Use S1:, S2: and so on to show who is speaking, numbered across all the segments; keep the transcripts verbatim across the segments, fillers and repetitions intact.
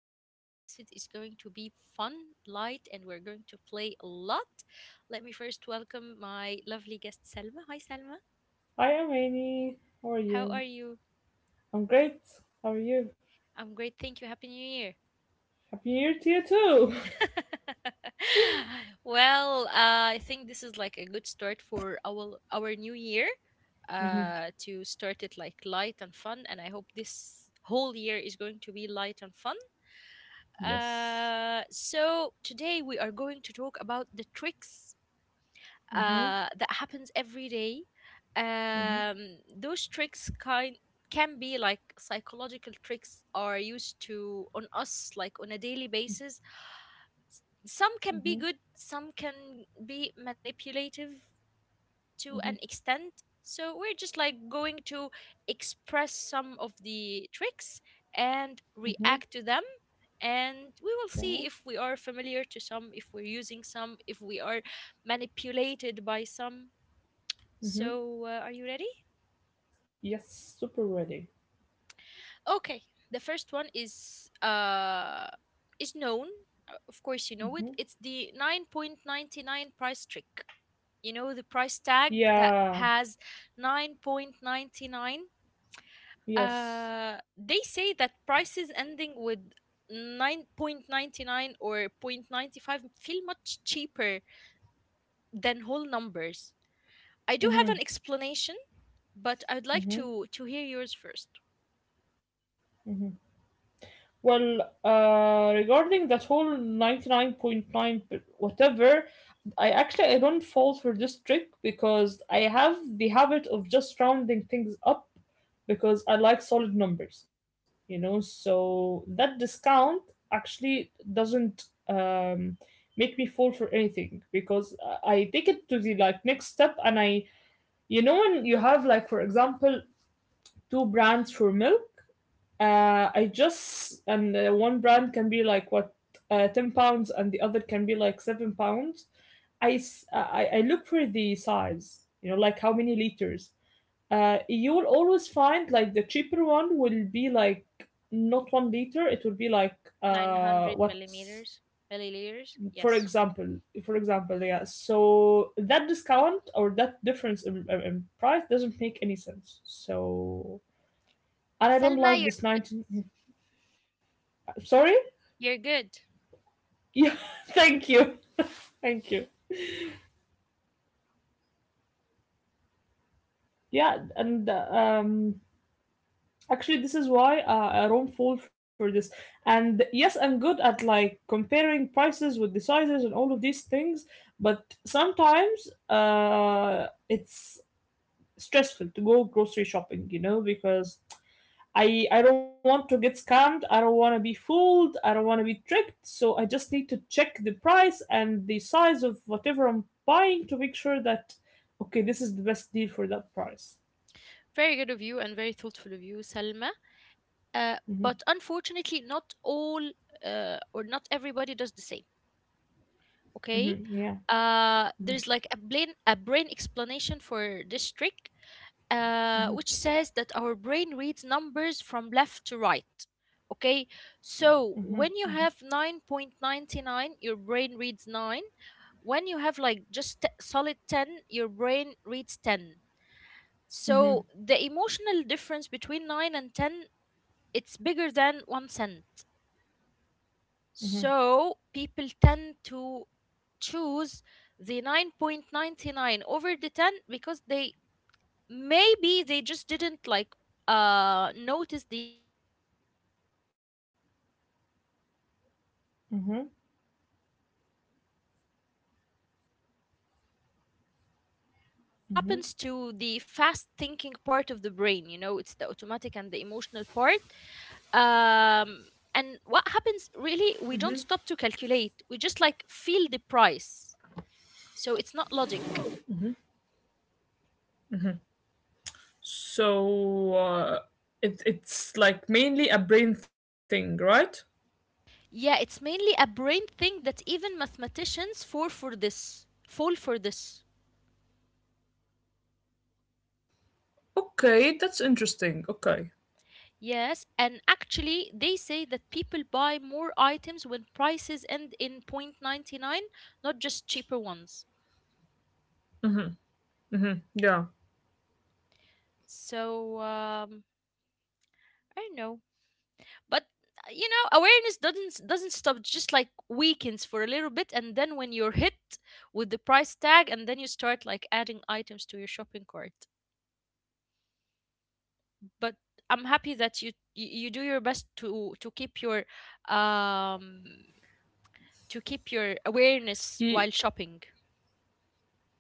S1: Today's episode is going to be fun, light, and we're going to play a lot. Let me first welcome my lovely guest, Selma. Hi, Selma.
S2: Hi, I'm
S1: How are
S2: Annie.
S1: you?
S2: How are you? I'm great. How
S1: I'm
S2: are
S1: great.
S2: you?
S1: Thank you. Happy New Year.
S2: Happy year to you too.
S1: well, uh, I think this is like a good start for our our new year, uh, to
S2: Mm-hmm.
S1: start it like light and fun, and I hope this whole year is going to be light and fun. Uh,
S2: Yes.
S1: so today we are going to talk about the tricks, uh, that
S2: Mm-hmm.
S1: happens every day. Um,
S2: Mm-hmm.
S1: those tricks kind can be like psychological tricks are used to on us like on a daily basis. Some can be good,
S2: Mm-hmm.
S1: some can be manipulative, to an extent. So we're just like going to express some of the tricks and react to
S2: Mm-hmm. Hmm.
S1: them. And we will see if we
S2: Okay.
S1: are familiar to some, if we're using some, if we are manipulated by some. So, uh,
S2: Mm-hmm.
S1: are you ready?
S2: Yes. Super ready.
S1: Okay, the first one is uh is known. Uh, Of course, you know it. It's
S2: Mm-hmm.
S1: the nine point ninety-nine price trick. You know the price tag that has
S2: Yeah.
S1: nine point ninety-nine. Uh,
S2: Yes.
S1: they say that prices ending with nine point ninety-nine or point ninety five feel much cheaper than whole numbers. I do have an
S2: Mm-hmm.
S1: explanation, but I'd like to to
S2: Mm-hmm.
S1: hear yours first.
S2: Mm-hmm. Well, uh, regarding that whole ninety-nine point nine whatever, I actually I don't fall for this trick because I have the habit of just rounding things up because I like solid numbers, you know. So that discount actually doesn't um, make me fall for anything because I I take it to the like next step and I, you know, when you have like, for example, two brands for milk, uh, I just and uh, one brand can be like what, uh, ten pounds, and the other can be like seven pounds. I, s- I I look for the size, you know, like how many liters. Uh, you will always find like the cheaper one will be like not one liter. It will be like uh
S1: nine hundred
S2: what's,
S1: millimeters, milliliters.
S2: for
S1: Yes.
S2: example, for example, yeah. So that discount or that difference in, in in price doesn't make any sense. So and I don't
S1: Selma,
S2: like
S1: you're
S2: this nineteen. Sorry.
S1: you're good.
S2: Yeah, thank you. Thank you.
S1: Yeah, you know how to shop.
S2: Yeah, and uh, um actually this is why uh, I don't fall for this. And yes, I'm good at like comparing prices with the sizes and all of these things, but sometimes uh it's
S1: Okay.
S2: stressful to go grocery shopping, you know, because I I don't want to get scammed. I don't want to be fooled. I don't want to be tricked. So I just need to check the price and the size of whatever I'm buying to make sure that, okay, this is the best deal for that price.
S1: Very good of you and very thoughtful of you, Salma. Uh, but
S2: Hmm.
S1: unfortunately, not all, uh, or not everybody does the same. Okay,
S2: Hmm, yeah.
S1: uh, there's like a brain a brain explanation for this trick, uh,
S2: Hmm.
S1: which says that our brain reads numbers from left to right. Okay, so
S2: Hmm.
S1: when you have nine point ninety nine, your brain reads nine. When you have like just t- solid ten, your brain reads ten.
S2: Hmm.
S1: So the emotional difference between nine and ten, it's bigger than one cent.
S2: Hmm.
S1: So people tend to choose the nine point ninety-nine over the ten because they maybe they just didn't like uh notice the ninety-nine, just, just like nine and ten.
S2: Hmm.
S1: Okay, so um unfortunately, um this
S2: Hmm.
S1: happens to the fast thinking part of the brain. You know, it's the automatic and the emotional part. um and what happens really, we don't stop to calculate. We just like feel the price, so it's not logic.
S2: So, uh, it it's like mainly a brain thing, right?
S1: Yeah, it's mainly a brain thing that even mathematicians fall for this fall for this
S2: Okay, that's interesting. Okay.
S1: Yes, and actually they say that people buy more items when prices end in oh point nine nine, not just cheaper ones.
S2: Mm-hmm. Mm-hmm. Yeah.
S1: So um I don't know, but uh, you know awareness doesn't doesn't stop, just like weakens for a little bit, and then when you're hit with the price tag, and then you start like adding items to your shopping cart. But I'm happy that you you you do your best to to keep your um to keep your
S2: Y-
S1: awareness while shopping.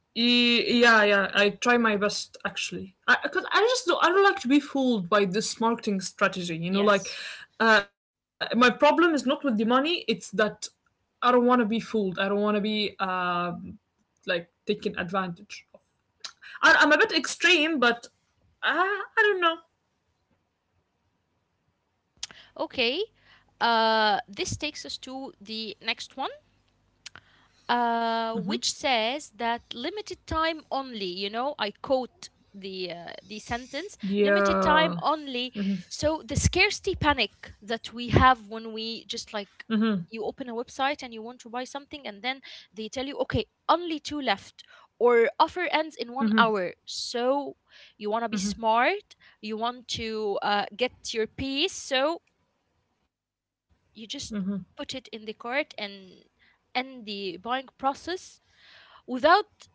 S2: Y- Yeah, yeah, I try my best actually. I, cause I just don't, I don't like to be fooled by this marketing strategy. You know, like,
S1: Yes.
S2: uh, my problem is not with the money; it's that I don't want to be fooled. I don't want to be um, like taken advantage of. I, I'm a bit extreme, but I, I don't know.
S1: Okay, uh this takes us to the next one, uh, which says that limited time only, you know, I quote the uh, the sentence, limited time
S2: Yeah.
S1: only. So the scarcity panic that we have when we just
S2: Mm-hmm.
S1: like you open a website and you want to buy something, and then they tell you, okay, only two left or offer ends in one
S2: Mm-hmm.
S1: hour. So you want to be smart, you want to uh, get your piece, so you just put it in the cart and end the buying process without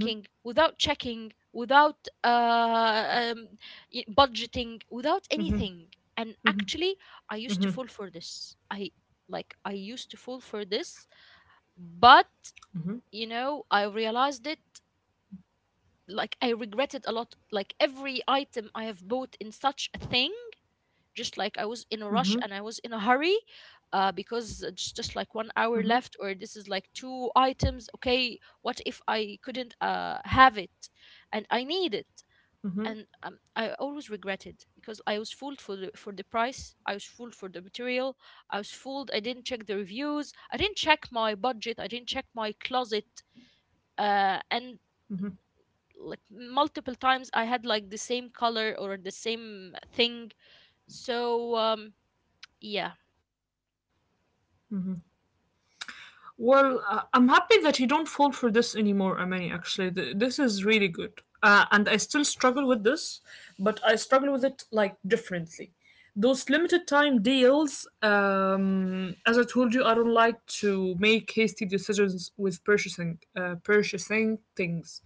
S2: Mm-hmm.
S1: without checking, without uh, um, y- budgeting, without anything. And actually, I used to fall
S2: Mm-hmm.
S1: for
S2: Mm-hmm.
S1: this. I like I used to fall for this, but you
S2: Mm-hmm.
S1: know, I realized it. Like I regretted a lot. Like every item I have bought in such a thing, just like I was in a rush and I was
S2: Mm-hmm.
S1: in a hurry, uh, because it's just like one
S2: Mm-hmm.
S1: hour left or this is like two items. Okay, what if I couldn't uh, have it and I need it? And
S2: Mm-hmm.
S1: um, I always regretted because I was fooled for the, for the price. I was fooled for the material. I was fooled. I didn't check the reviews. I didn't check my budget. I didn't check my closet. Uh, and
S2: Mm-hmm.
S1: like multiple times I had like the same color or the same thing. So um, yeah.
S2: Well, uh, I'm happy that you don't fall for this anymore, Amani. Actually, Th- this is really good. Uh, and I still struggle with this, but I struggle with it like differently. Those limited time deals, um, as I told you, I don't like to make hasty decisions with purchasing, uh, purchasing things.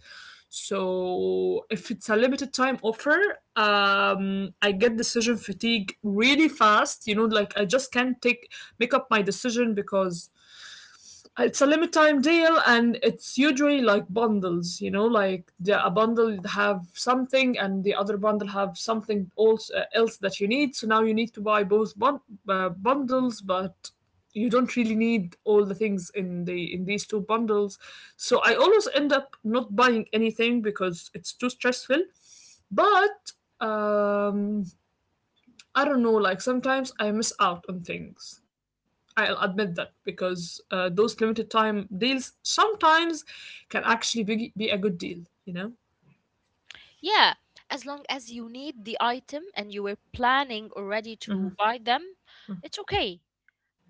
S2: So if it's a limited time offer, um, I get decision fatigue really fast. You know, like, I just can't take make up my decision because it's a limit time deal and it's usually like bundles, you know like the, a bundle have something and the other bundle have something else, uh, else that you need, so now you need to buy both bun- uh, bundles, but you don't really need all the things in the in these two bundles, so I always end up not buying anything because it's too stressful. But um I don't know, like sometimes I miss out on things. I'll admit that because uh, those limited time deals sometimes can actually be, be a good deal, you know?
S1: Yeah, as long as you need the item and you were planning already to buy them, it's okay.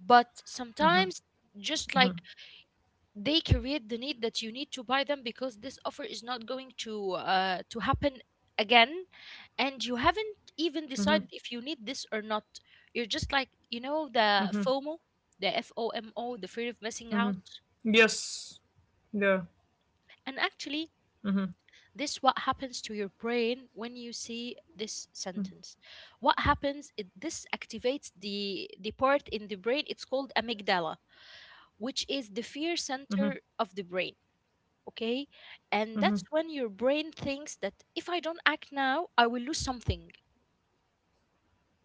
S1: But sometimes, just like they create the need that you need to buy them because this offer is not going to uh, to happen again, and you haven't even decided if you need this or not. You're just like, you know, the FOMO, the F O M O, the fear of missing out.
S2: Yes. Yeah.
S1: And actually,
S2: Mm-hmm.
S1: this what happens to your brain when you see this sentence. What happens? It, this activates the the part in the brain. It's called amygdala, which is the fear
S2: Mm-hmm.
S1: center of the brain. Okay, and that's
S2: Mm-hmm.
S1: when your brain thinks that if I don't act now, I will lose something.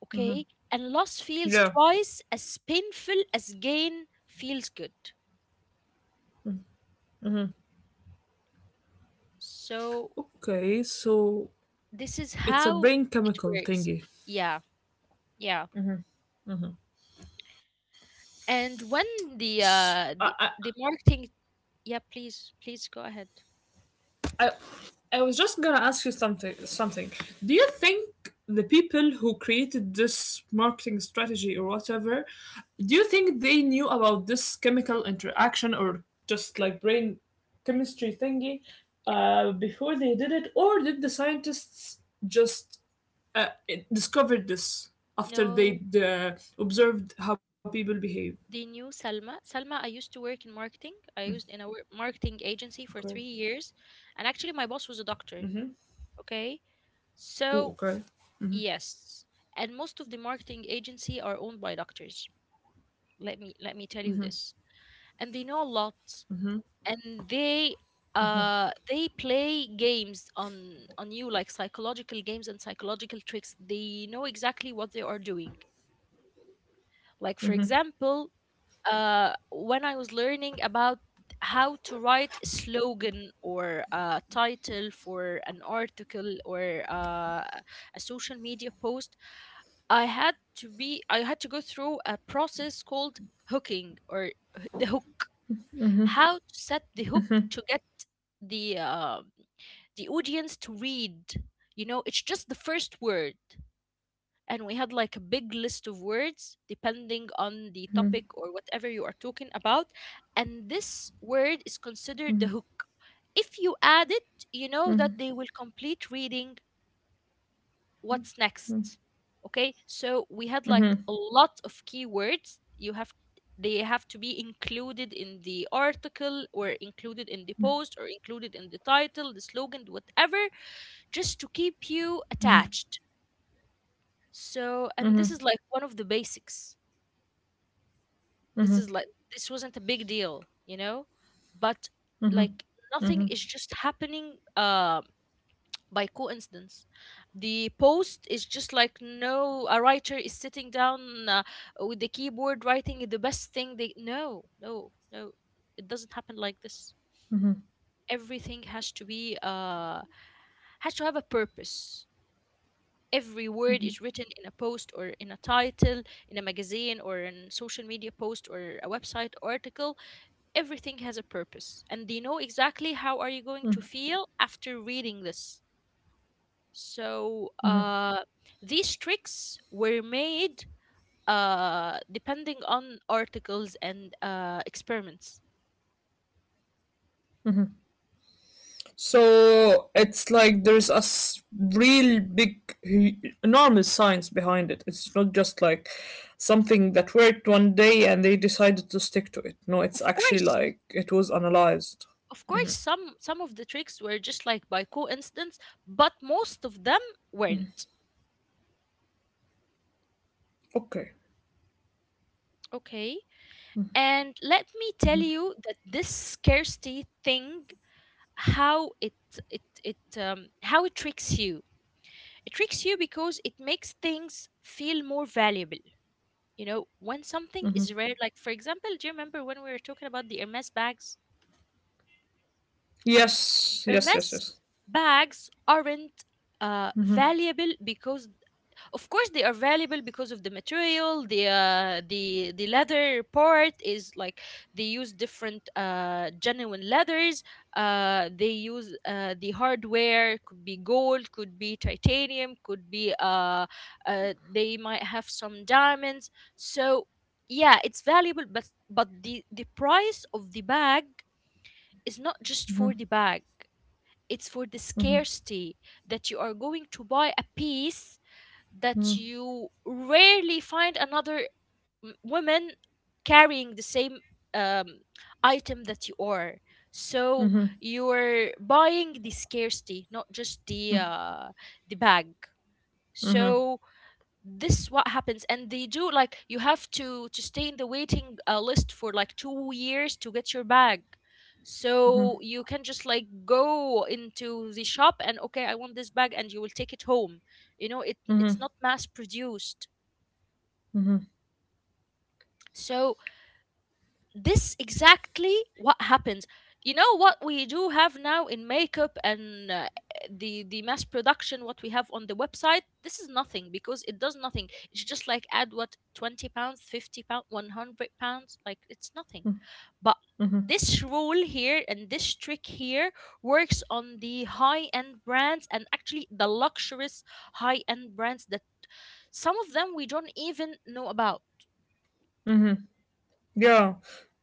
S1: Okay, and loss feels
S2: Yeah.
S1: twice as painful as gain feels good. So
S2: Okay, so
S1: this is
S2: it's a
S1: how
S2: brain
S1: it
S2: chemical
S1: works.
S2: thingy.
S1: Yeah, yeah. And when the
S2: S-
S1: uh
S2: I,
S1: the, the marketing... Yeah, please, please go ahead.
S2: I, I was just gonna ask you something. Something. Do you think the people who created this marketing strategy or whatever, do you think they knew about this chemical interaction or just like brain chemistry thingy,
S1: Yeah.
S2: uh, before they did it, or did the scientists just uh, it- discovered this after they
S1: No,
S2: uh, observed how people behave?
S1: they knew, Salma. Salma, I used to work in marketing. I used in a wor- marketing agency for
S2: Okay.
S1: three years. And actually, my boss was a doctor. Okay.
S2: Ooh,
S1: So,
S2: okay.
S1: yes. And most of the marketing agency are owned by doctors. Let me let me tell you this. And they know a lot. And they uh they play games on on you like psychological games and psychological tricks. They know exactly what they are doing. Like for example, uh when I was learning about how to write a slogan or a title for an article or, uh, a social media post, i had to be i had to go through a process called hooking, or h- the hook, how to set the hook to get the um the audience to read. You know, it's just the first word. And we had like a big list of words depending on the topic or whatever you are talking about, and this word is considered the hook. If you add it, you know that they will complete reading what's next. Okay, so we had like a lot of keywords. You have they have to be included in the article, or included in the post, or included in the title, the slogan, whatever, just to keep you attached. So, and this is like one of the basics. This is like this wasn't a big deal, you know. But, like, nothing is just happening um by coincidence. The post is just like, no, a writer is sitting down uh, with the keyboard writing the best thing they. No, no, no. It doesn't happen like this. Everything has to be, uh, has to have a purpose. Every word is written in a post or in a title, in a magazine or in social media post or a website article. Everything has a purpose, and they know exactly how are you going to feel after reading this. So, uh, these tricks were made, uh, depending on articles and uh, experiments.
S2: So it's like there's a s- real big, hu- enormous science behind it. It's not just like something that worked one day and they decided to stick to it. No, it's
S1: Of
S2: actually
S1: course,
S2: like it was analyzed.
S1: of course, some some of the tricks were just like by coincidence, but most of them weren't.
S2: Okay.
S1: Okay, and let me tell you that this scarcity thing, how it it it um, how it tricks you. It tricks you because it makes things feel more valuable. You know, when something is rare, like for example, do you remember when we were talking about the Hermes bags?
S2: Yes, yes, yes,
S1: Hermes
S2: yes.
S1: bags aren't, uh, valuable because, of course, they are valuable because of the material. The uh, the the leather part is like, they use different uh, genuine leathers. Uh, they use, uh, the hardware could be gold, could be titanium, could be uh, uh, they might have some diamonds. So yeah, it's valuable, but but the the price of the bag is not just for the bag. It's for the scarcity that you are going to buy a piece that you rarely find another m- woman carrying the same um, item that you are. So you're buying the scarcity, not just the uh, the bag. So this is what happens, and they do like you have to to stay in the waiting uh, list for like two years to get your bag, so you can just like go into the shop and okay, I want this bag and you will take it home. You know, it it's
S2: Mm-hmm.
S1: not mass produced. So this exactly what happens. You know what we do have now in makeup, and uh, the the mass production, what we have on the website, this is nothing because it does nothing. It's just like add what, twenty pounds, fifty pounds, one hundred pounds, like it's nothing. But this rule here and this trick here works on the high end brands, and actually the luxurious high end brands that some of them we don't even know about.
S2: Yeah.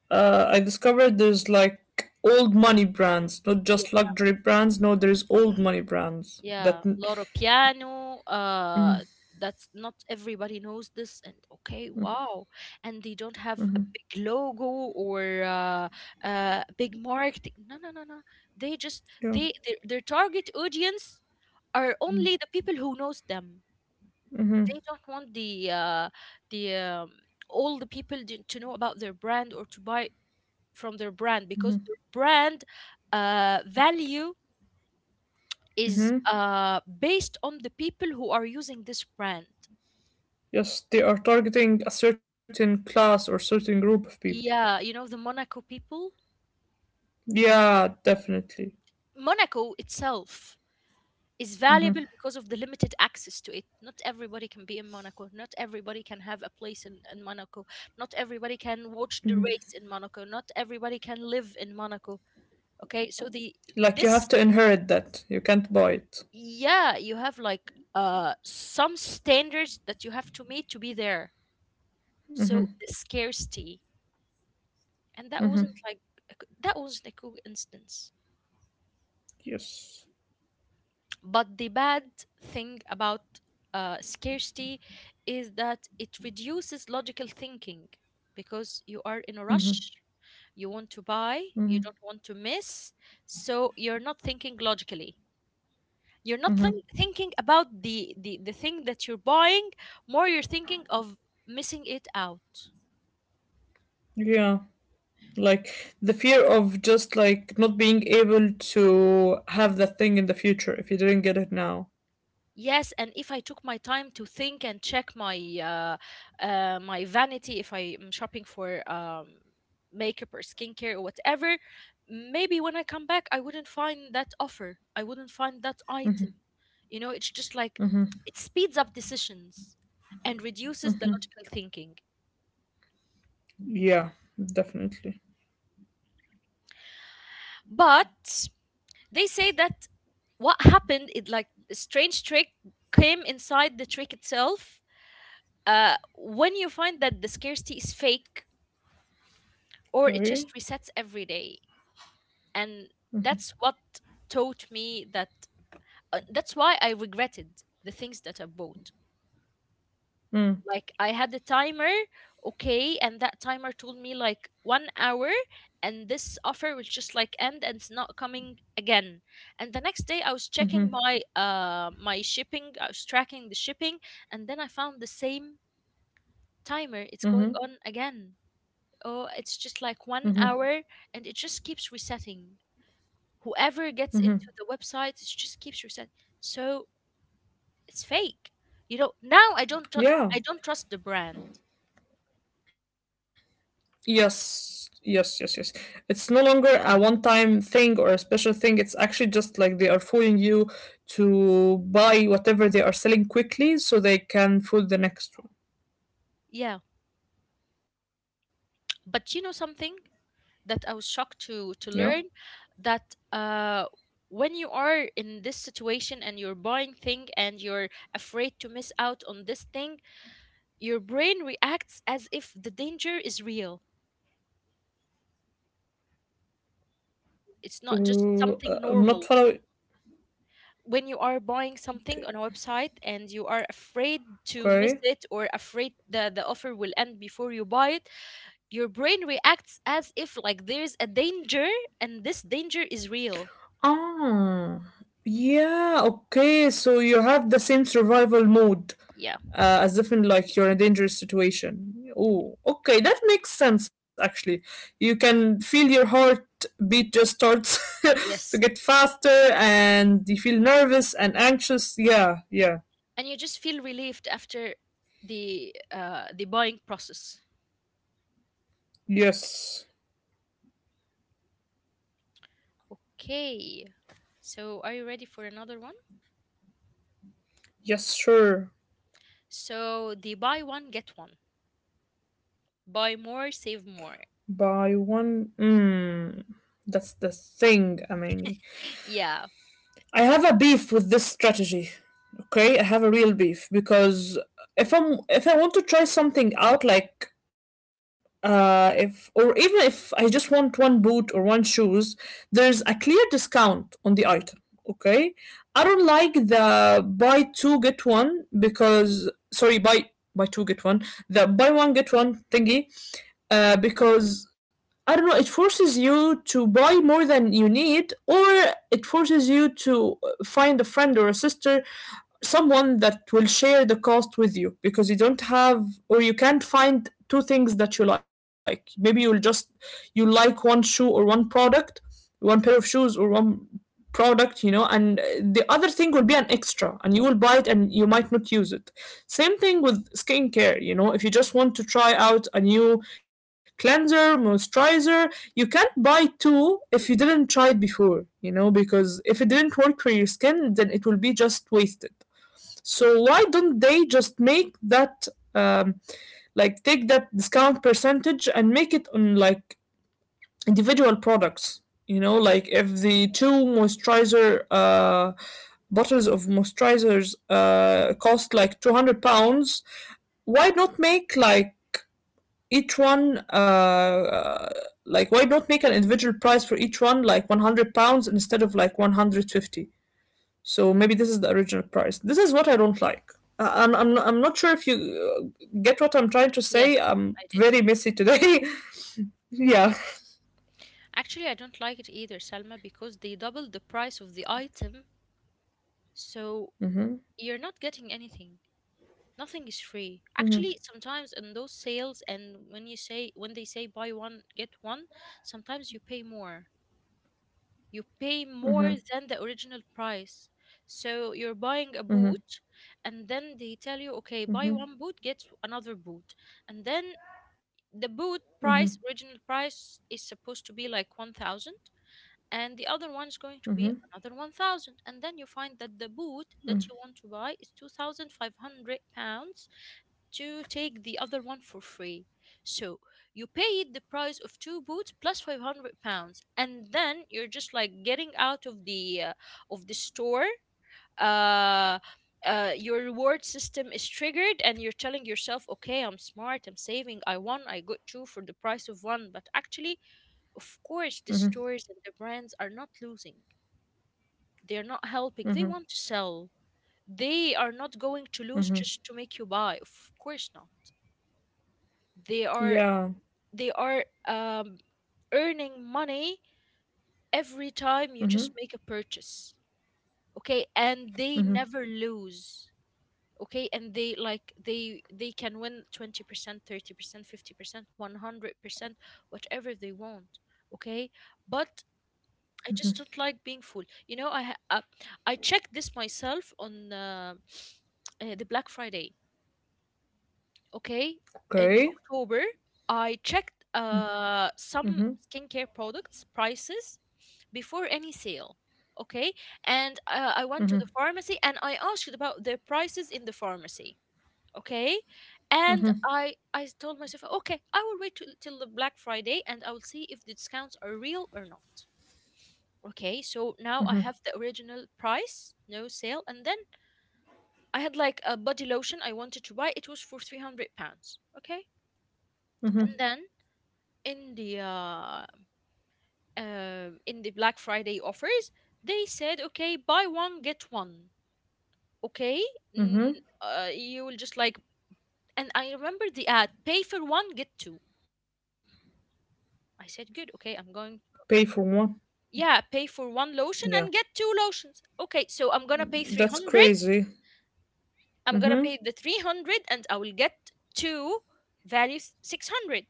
S2: Uh, I discovered there's like old money brands, not just luxury brands. No, there's old money brands that,
S1: Yeah, lot of piano. Uh, that's not everybody knows this. And okay, wow. And they don't have a big logo, or uh, uh, big marketing. No, no, no, no. They just
S2: yeah,
S1: they their, their target audience are only the people who knows them. They don't want the uh, the um, all the people to to know about their brand, or to buy from their brand, because their brand uh, value is uh based on the people who are using this brand.
S2: yes, they are targeting a certain class or certain group of people.
S1: Yeah, you know, the Monaco people.
S2: Yeah, definitely.
S1: Monaco itself is valuable because of the limited access to it. Not everybody can be in Monaco. Not everybody can have a place in, in Monaco. Not everybody can watch the race in Monaco. Not everybody can live in Monaco. Okay, so the
S2: Like you have
S1: this
S2: to inherit that. You can't buy it.
S1: yeah, you have like uh some standards that you have to meet to be there. So the scarcity, and that wasn't like a co- that wasn't a cool instance.
S2: Yes.
S1: But the bad thing about uh, scarcity is that it reduces logical thinking, because you are in a rush, you want to buy, you don't want to miss. So you're not thinking logically, you're not think- thinking about the, the the thing that you're buying more. You're thinking of missing it out.
S2: Yeah. Like the fear of just like not being able to have that thing in the future if you didn't get it now.
S1: Yes, and if I took my time to think and check my uh, uh, my vanity, if I am shopping for um, makeup or skincare or whatever, maybe when I come back, I wouldn't find that offer. I wouldn't find that item. You know, it's just like it speeds up decisions and reduces the logical thinking.
S2: Yeah, definitely.
S1: But they say that what happened, it like a strange trick came inside the trick itself. Uh, when you find that the scarcity is fake, or it
S2: Okay.
S1: just resets every day. And that's what taught me that uh, that's why I regretted the things that I bought. Like I had the timer, okay, and that timer told me like one hour, and this offer will just like end and it's not coming again. And the next day I was checking my uh my shipping, I was tracking the shipping, and then I found the same timer. It's going on again. Oh, it's just like one hour, and it just keeps resetting. Whoever gets into the website, it just keeps resetting. So it's fake. You know, now I don't tru- I
S2: Yeah.
S1: don't trust the brand.
S2: Yes. Yes, yes, yes. It's no longer a one time thing or a special thing. It's actually just like they are fooling you to buy whatever they are selling quickly so they can fool the next one.
S1: Yeah, but you know something that I was shocked
S2: Yeah.
S1: to to learn, that uh when you are in this situation and you're buying thing and you're afraid to miss out on this thing, your brain reacts as if the danger is real. It's not just
S2: Ooh, uh,
S1: something
S2: I'm not
S1: normal.
S2: following.
S1: When you are buying something on a website and you are afraid to miss
S2: Okay.
S1: it, or afraid the, the offer will end before you buy it, your brain reacts as if like there's a danger, and this danger is real.
S2: Ah, yeah. Okay, so you have the same survival mode,
S1: Yeah.
S2: uh, as if in, like, you're in a dangerous situation. Oh, okay, that makes sense actually. You can feel your heart beat just starts to
S1: Yes,
S2: get faster, and you feel nervous and anxious. Yeah, yeah,
S1: and you just feel relieved after the uh the buying process.
S2: yes,
S1: Okay, so are you ready for another one?
S2: yes, sure.
S1: So the buy one get one, buy more save more.
S2: By one, mm, that's the thing, I
S1: Yeah.
S2: I have a beef with this strategy. Okay, I have a real beef because if I'm if I want to try something out, like, uh, if or even if I just want one boot or one shoes, there's a clear discount on the item. Okay, I don't like the buy two get one, because sorry, buy buy two get one, the buy one get one thingy, uh, because I don't know, it forces you to buy more than you need, or it forces you to find a friend or a sister, someone that will share the cost with you because you don't have or you can't find two things that you like. Maybe you'll just, you like one shoe or one product, one pair of shoes or one product, you know, and uh, the other thing will be an extra and you will buy it and you might not use it. Same thing with skincare, you know, if you just want to try out a new cleanser moisturizer, you can't buy two if you didn't try it before, you know, because if it didn't work for your skin then it will be just wasted. So why don't they just make that, um, like, take that discount percentage and make it on like individual products? You know, like if the two moisturizer uh, bottles of moisturizers uh, cost like two hundred pounds, why not make like each one uh, like why not make an individual price for each one like one hundred pounds instead of like one hundred fifty, so maybe this is the original price. This is what I don't like. I- I'm, I'm, I'm not sure if you uh, get what I'm trying to
S1: Yes,
S2: say. I'm
S1: I did.
S2: very messy today. Yeah.
S1: Actually, I don't like it either, Salma, because they double the price of the item, so you're not getting anything. Nothing is free. Actually, sometimes in those sales and when you say when they say buy one get one, sometimes you pay more. You pay more than the original price. So you're buying a
S2: Hmm.
S1: boot, and then they tell you, okay, buy one boot, get another boot. And then the boot price, original price, is supposed to be like one thousand, and the other one is going to be another 1000, and then you find that the boot that you want to buy is two thousand five hundred pounds to take the other one for free. So you paid the price of two boots plus five hundred pounds, and then you're just like getting out of the uh, of the store. uh uh, your reward system is triggered and you're telling yourself, okay, I'm smart, I'm saving, I won, I got two for the price of one. But actually, of course the stores and the brands are not losing. They're not helping. They want to sell. They are not going to lose just to make you buy. Of course not. They are
S2: Yeah.
S1: they are um earning money every time you just
S2: Hmm.
S1: make a purchase. Okay? And they
S2: Hmm.
S1: never lose. Okay? And they like, they they can win twenty percent, thirty percent, fifty percent, one hundred percent, whatever they want. Okay? But I just don't like being full. You know, I ha- uh, I checked this myself on uh, uh, the Black Friday. Okay, in
S2: Okay.
S1: October, I checked uh, some skincare products prices before any sale. Okay, and uh, I went to the pharmacy and I asked about their prices in the pharmacy. Okay, and I I told myself, okay, I will wait till, till the Black Friday, and I will see if the discounts are real or not. Okay, so now I have the original price, no sale, and then I had like a body lotion I wanted to buy. It was for three hundred pounds. Okay. And
S2: Hmm.
S1: then in the uh, uh, in the Black Friday offers, they said, okay, buy one get one. Okay, mm,
S2: Hmm.
S1: uh, you will just like, and I remember the ad, pay for one get two. I said, good, okay, I'm going.
S2: Pay for one.
S1: Yeah, pay for one lotion
S2: Yeah.
S1: and get two lotions. Okay, so I'm gonna pay
S2: That's
S1: three hundred,
S2: crazy.
S1: I'm gonna
S2: Hmm.
S1: pay the three hundred, and I will get two values six hundred.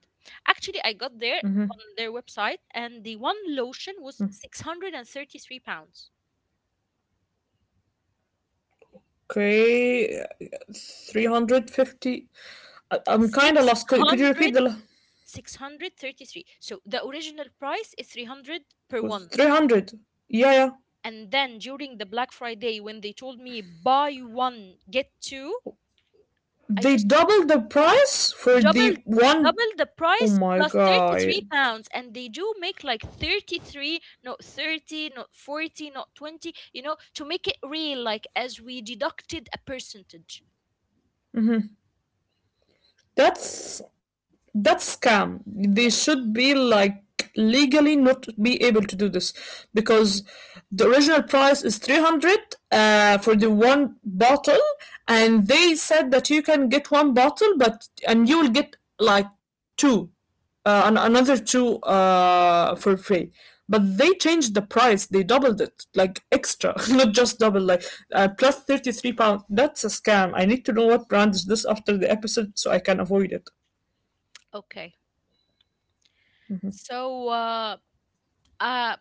S1: Actually, I got there on their website and the one lotion was six hundred thirty-three pounds.
S2: Okay. uh, three hundred fifty. I- I'm kind of
S1: Six
S2: lost. Could, could you repeat
S1: hundred,
S2: the. La-
S1: six hundred thirty-three. So the original price is three hundred per
S2: Was
S1: one.
S2: three hundred. Yeah, yeah.
S1: And then during the Black Friday when they told me buy one get two, I
S2: They
S1: just
S2: doubled the price for
S1: double
S2: the one.
S1: double the
S2: Oh
S1: price
S2: my
S1: plus
S2: god.
S1: thirty-three pounds. And they do make like thirty-three, not thirty, not forty, not twenty, you know, to make it real, like as we deducted a percentage.
S2: That's that's scam. They
S1: Yes.
S2: should be like legally not be able to do this because the original price is three hundred, uh, for the one bottle, and they said that you can get one bottle, but and you will get like two, uh, and another two, uh, for free, but they changed the price, they doubled it like extra not just double, like uh, plus thirty-three pound. That's a scam. I need to know what
S1: Yes.
S2: brand is this after the episode so I can avoid it.
S1: Okay, so uh uh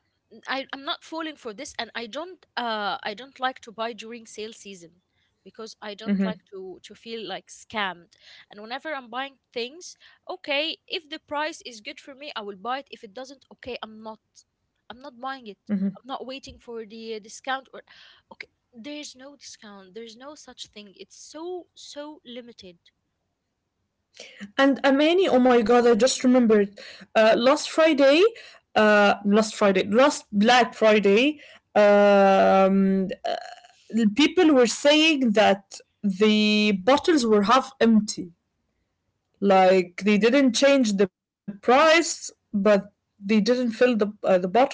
S1: I, I'm not falling for this, and I don't uh I don't like to buy during sale season, because I don't like
S2: Mm-hmm.
S1: to to feel like scammed. And whenever I'm buying things, okay, if the price is good for me, I will buy it. If it doesn't, okay, I'm not I'm not buying it. I'm not waiting for the discount, or okay, there's no discount, there's no such thing. It's so so limited.
S2: And Amani, oh my god, I just remembered. Uh, last Friday, uh, last Friday, last Black Friday, um, uh, people were saying that the bottles were half empty. Like they didn't change the price, but they didn't fill the uh, the bottles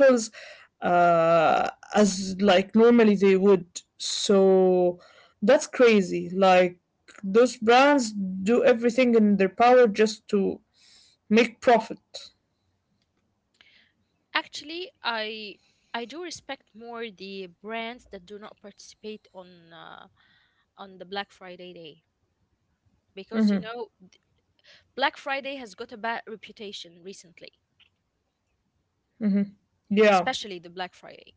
S2: uh, as like normally they would. So that's crazy. Like those brands do everything in their power just to make profit.
S1: Actually, I I do respect more the brands that do not participate on uh, on the Black Friday day, because you know, th- Black Friday has got a bad reputation recently,
S2: Yeah.
S1: especially the Black Friday.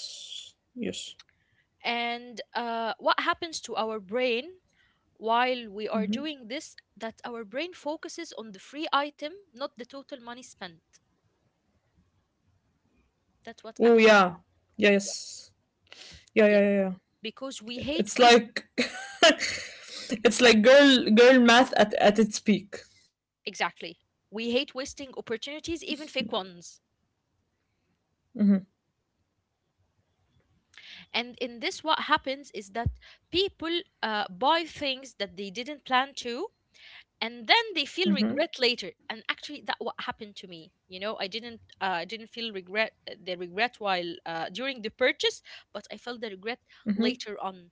S2: Yes. Yes.
S1: And uh, what happens to our brain while we are doing this? That our brain focuses on the free item, not the total money spent. That's
S2: Oh
S1: what
S2: yeah.
S1: actually.
S2: Yeah.
S1: Yes.
S2: Yes. Yeah. Yeah.
S1: Yes.
S2: Yeah. Yeah.
S1: Because we hate
S2: It's
S1: waste.
S2: like it's like girl girl math at at its peak.
S1: Exactly. We hate wasting opportunities, even fake ones. And in this, what happens is that people uh, buy things that they didn't plan to, and then they feel
S2: Hmm.
S1: regret later. And actually, that what happened to me. You know, I didn't, uh, I didn't feel regret, the regret while uh, during the purchase, but I felt the regret later on.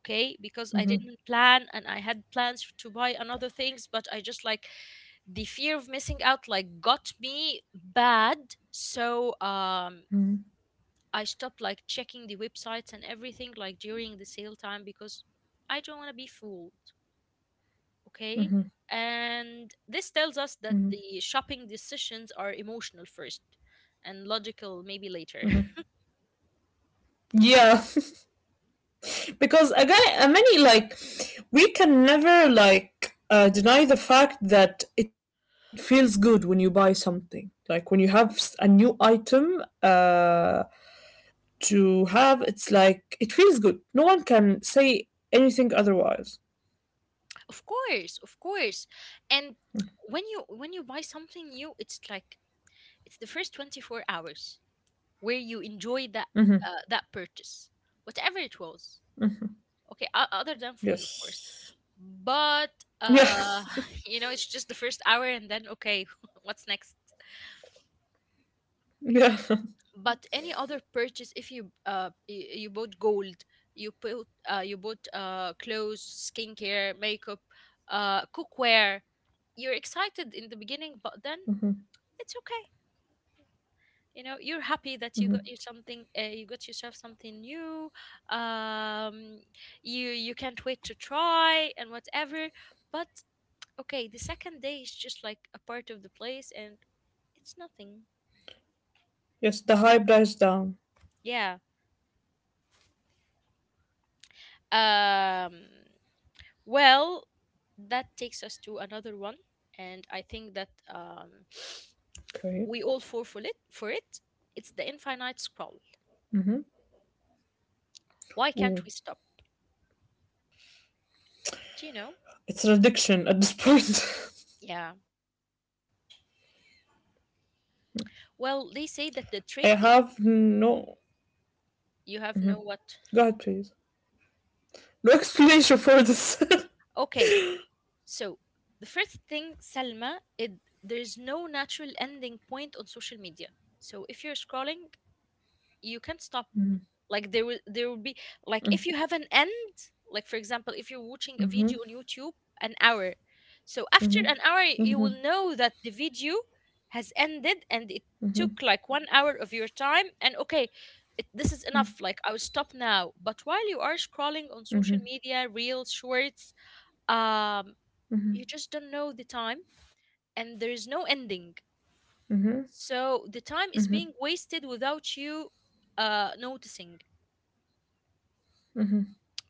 S1: Okay, because I didn't plan and I had plans to buy another things, but I just like the fear of missing out like got me bad. So um I stopped like checking the websites and everything like during the sale time, because I don't want to be fooled. Okay, and this tells us that the shopping decisions are emotional first, and logical maybe later.
S2: Yeah. Because again, I mean, like, we can never like uh, deny the fact that it feels good when you buy something, like when you have s- a new item, uh, to have, it's like, it feels good, no one can say anything otherwise.
S1: Of course, of course. And when you when you buy something new, it's like it's the first twenty-four hours where you enjoy that
S2: Hmm.
S1: uh, that purchase, whatever it was. Okay, o- other than food, of course.
S2: Yes.
S1: But
S2: Yeah.
S1: uh you know, it's just the first hour and then okay, what's next?
S2: Yeah.
S1: But any other purchase, if you uh y- you bought gold, you put uh you bought uh clothes, skincare, makeup, uh cookware, you're excited in the beginning, but then it's okay. You know, you're happy that you got you something uh, you got yourself something new. Um you you can't wait to try and whatever. But okay, the second day is just like a part of the place, and it's nothing.
S2: Yes, the hype dies down.
S1: Yeah. um well, that takes us to another one, and I think that um
S2: Okay.
S1: we all fall for it for it It's the infinite scroll. Why
S2: Ooh.
S1: can't we stop? Do you know?
S2: It's an addiction at this point.
S1: Yeah. Well, they say that the
S2: I
S1: trick is.
S2: have no,
S1: You have no what?
S2: god, please, no explanation for this.
S1: Okay, so the first thing, Salma, it there's no natural ending point on social media. So if you're scrolling, you can't stop. Like there will there will be, like if you have an end, like for example, if you're watching a video on YouTube, an hour. So after an hour, you will know that the video has ended and it took like one hour of your time. And okay, it, this is enough. Like I will stop now. But while you are scrolling on social media, reels, shorts, um you just don't know the time, and there is no ending, so the time is being wasted without you uh noticing.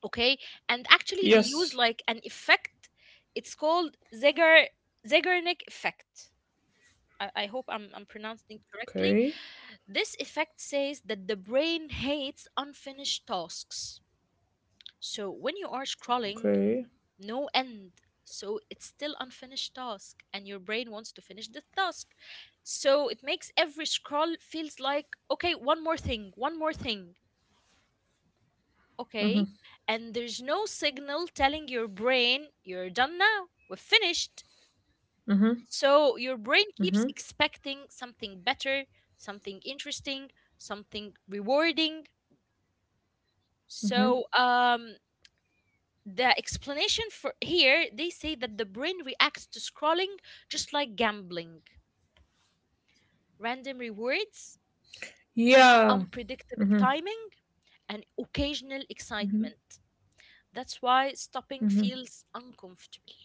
S1: Okay. And actually they use like
S2: Yes.
S1: an effect. It's called Zeigar Zeigarnik effect. I, I hope I'm, I'm pronouncing it correctly.
S2: Okay.
S1: This effect says that the brain hates unfinished tasks. So when you are scrolling,
S2: Okay.
S1: no end. So it's still unfinished task and your brain wants to finish the task. So it makes every scroll feels like okay, one more thing, one more thing. Okay? And there's no signal telling your brain you're done now. We're finished.
S2: Hmm.
S1: So your brain keeps
S2: Hmm.
S1: expecting something better, something interesting, something rewarding. So um the explanation for here, they say that the brain reacts to scrolling just like gambling: random rewards,
S2: Yeah.
S1: unpredictable timing, and occasional excitement. That's why stopping feels uncomfortable.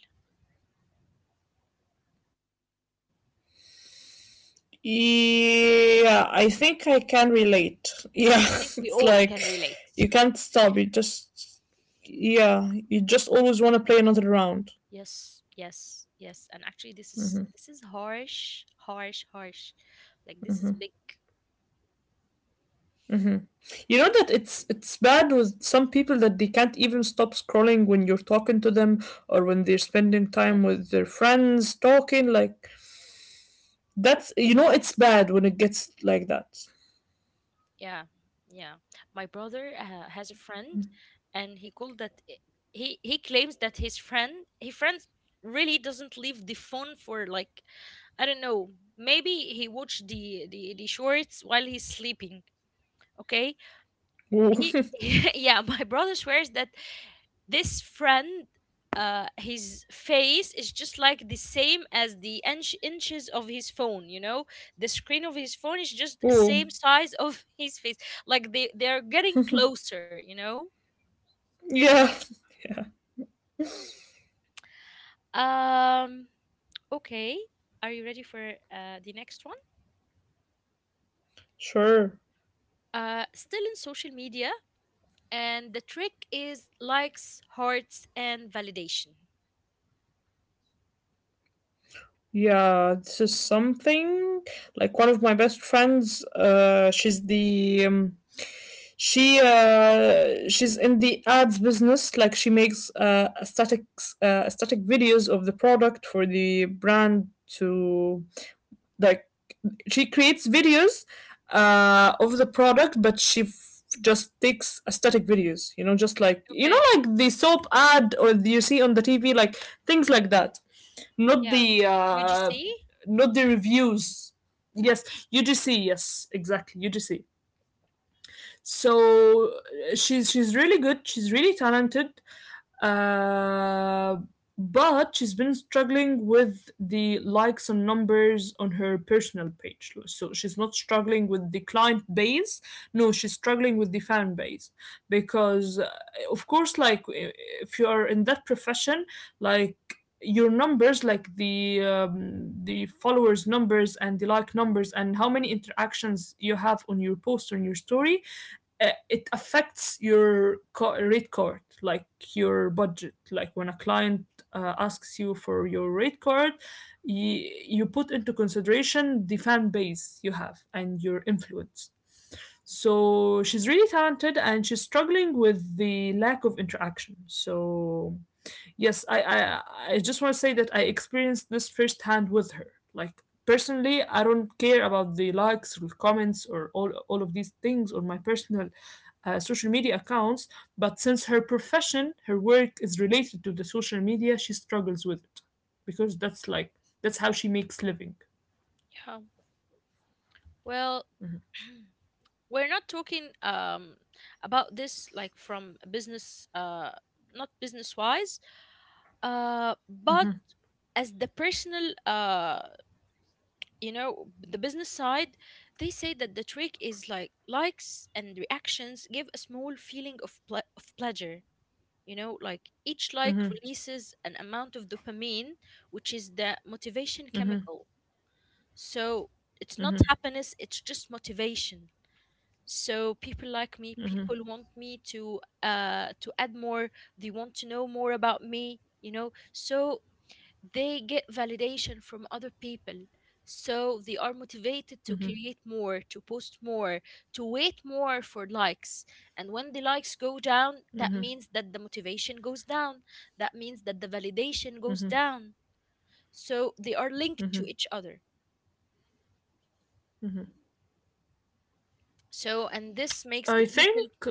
S2: Yeah. I think I can relate. Yeah.
S1: I think we
S2: It's
S1: all
S2: like
S1: can relate.
S2: you can't stop. You just yeah. You just always want to play another round.
S1: Yes, yes, yes. And actually this is this is harsh, harsh, harsh. Like this is big.
S2: You know that it's it's bad with some people that they can't even stop scrolling when you're talking to them or when they're spending time
S1: Yes.
S2: with their friends talking. Like that's, you know it's bad when it gets like that.
S1: Yeah. Yeah. My brother uh, has a friend, and he called that eh, he he claims that his friend, his friend really doesn't leave the phone for like, I don't know. Maybe he watched the the, the shorts while he's sleeping. Okay.
S2: Ooh.
S1: He yeah, my brother swears that this friend, uh his face is just like the same as the inch, inches of his phone, you know, the screen of his phone is just
S2: Ooh.
S1: same size of his face. Like they they're getting closer, you know.
S2: Yeah.
S1: um okay, are you ready for uh the next one?
S2: Sure.
S1: Uh still in social media. And the trick is likes, hearts, and validation.
S2: Yeah, this is something like one of my best friends. Uh, she's the um, she uh, she's in the ads business. Like she makes uh, aesthetic uh, static videos of the product for the brand to like she creates videos uh, of the product, but she f- just takes aesthetic videos. You know, just like you know,
S1: Okay.
S2: like the soap ad or you see on the T V, like things like that. Not
S1: Yeah.
S2: the uh,
S1: U G C?
S2: not the reviews. Yes, U G C. Yes, exactly, U G C. So uh, she's she's really good. She's really talented. Uh, but she's been struggling with the likes and numbers on her personal page. So she's not struggling with the client base. No, she's struggling with the fan base because, uh, of course, like if you are in that profession, like your numbers like the um, the followers numbers and the like numbers and how many interactions you have on your post on your story uh, it affects your co- rate card, like your budget. Like when a client uh, asks you for your rate card, you, you put into consideration the fan base you have and your influence. So she's really talented and she's struggling with the lack of interaction. So yes, I I, I just want to say that I experienced this firsthand with her. Like personally, I don't care about the likes or comments or all all of these things on my personal uh, social media accounts. But since her profession, her work is related to the social media, she struggles with it because that's like that's how she makes living.
S1: Yeah. Well, we're not talking um about this like from a business uh not business wise, uh but as the personal uh you know, the business side. They say that the trick is like likes and reactions give a small feeling of ple- of pleasure. You know, like each like releases an amount of dopamine, which is the motivation chemical. So it's not happiness, it's just motivation. So people like me, people want me to uh to add more, they want to know more about me, you know. So they get validation from other people, so they are motivated to create more, to post more, to wait more for likes. And when the likes go down, that means that the motivation goes down, that means that the validation goes down. So they are linked to each other. So, and this makes the
S2: I
S1: people,
S2: think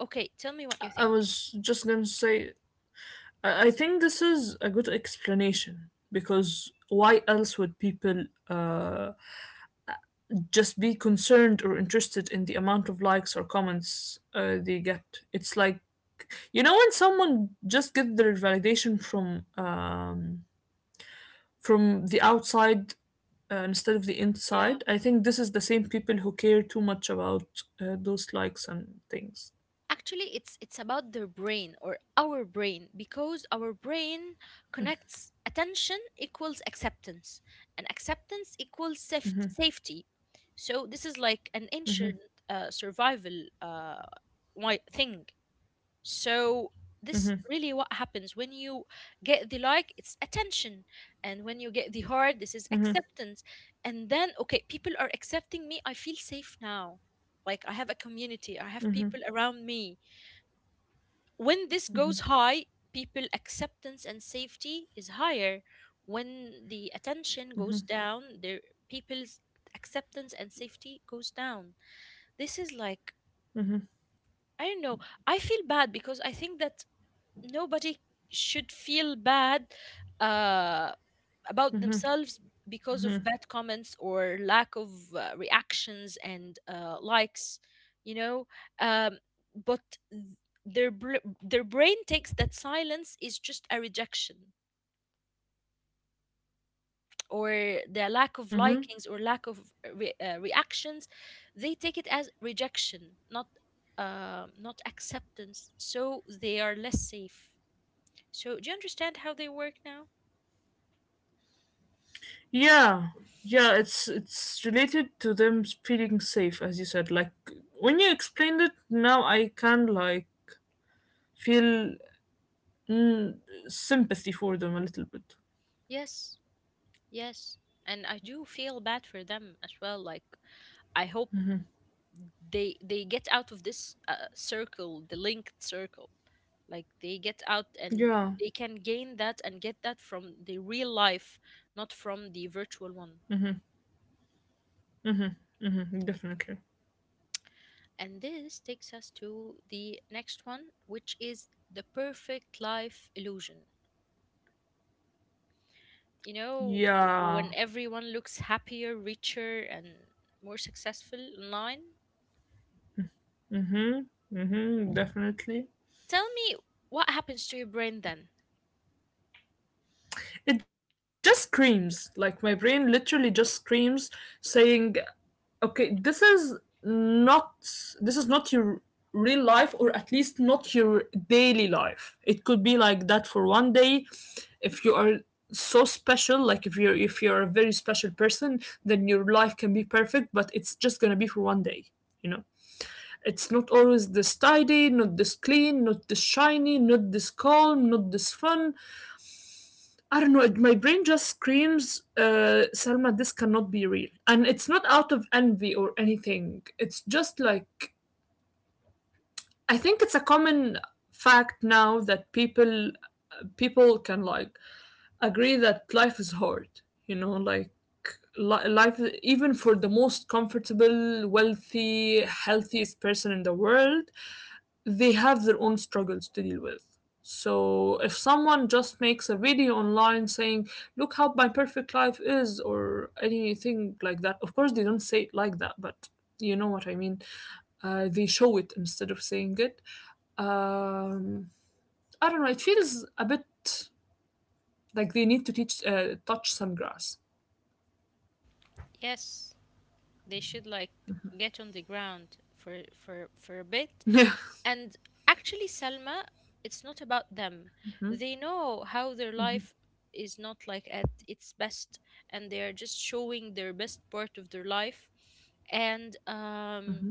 S1: okay, tell me what you
S2: I
S1: think.
S2: was just gonna say I I think this is a good explanation because why else would people uh, just be concerned or interested in the amount of likes or comments uh, they get. It's like you know when someone just get their validation from um, from the outside uh, instead of the inside. I think this is the same people who care too much about uh, those likes and things.
S1: Actually it's it's about their brain, or our brain, because our brain connects attention equals acceptance, and acceptance equals safety safety. So this is like an ancient, uh, survival, uh why thing. So this really what happens when you get the like, it's attention, and when you get the heart, this is acceptance. And then okay, people are accepting me, I feel safe now. Like I have a community, I have people around me. When this goes high, people acceptance and safety is higher. When the attention goes down, their, people's acceptance and safety goes down. This is like, I don't know, I feel bad because I think that nobody should feel bad, uh about themselves, because of bad comments or lack of uh, reactions and uh, likes, you know. um, but th- their br- their brain takes that silence is just a rejection, or their lack of
S2: Mm-hmm.
S1: likings or lack of re- uh, reactions. They take it as rejection, not uh, not acceptance, so they are less safe. So do you understand how they work now?
S2: Yeah, yeah. It's it's related to them feeling safe, as you said. Like when you explained it now, I can like feel Mm, sympathy for them a little bit.
S1: Yes. Yes, and I do feel bad for them as well. Like I hope they they get out of this uh, circle, the linked circle. Like they get out, and
S2: Yeah,
S1: they can gain that and get that from the real life, not from the virtual one.
S2: mhm, definitely.
S1: And this takes us to the next one, which is the perfect life illusion. You know, when
S2: Yeah,
S1: everyone looks happier, richer, and more successful online,
S2: hmm definitely.
S1: tell me, what happens to your brain then?
S2: It just screams. Like my brain literally just screams, saying, "Okay, this is not. This is not your real life, or at least not your daily life. It could be like that for one day, if you are." So special, like if you're if you're a very special person, then your life can be perfect, but it's just gonna be for one day, you know. It's not always this tidy, not this clean, not this shiny, not this calm, not this fun. I don't know. It, my brain just screams, uh, Selma, this cannot be real. And it's not out of envy or anything. It's just like, I think it's a common fact now that people people can like agree that life is hard, you know. Like li- life, even for the most comfortable wealthy healthiest person in the world, they have their own struggles to deal with. So if someone just makes a video online saying, "Look how my perfect life is," or anything like that, of course they don't say it like that, but you know what I mean. Uh, they show it instead of saying it. Um, I don't know. It feels a bit like they need to teach uh, touch some grass.
S1: Yes, they should like get on the ground for for for a bit.
S2: Yeah.
S1: And actually, Salma, it's not about them. They know how their life is not like at its best, and they are just showing their best part of their life. And um,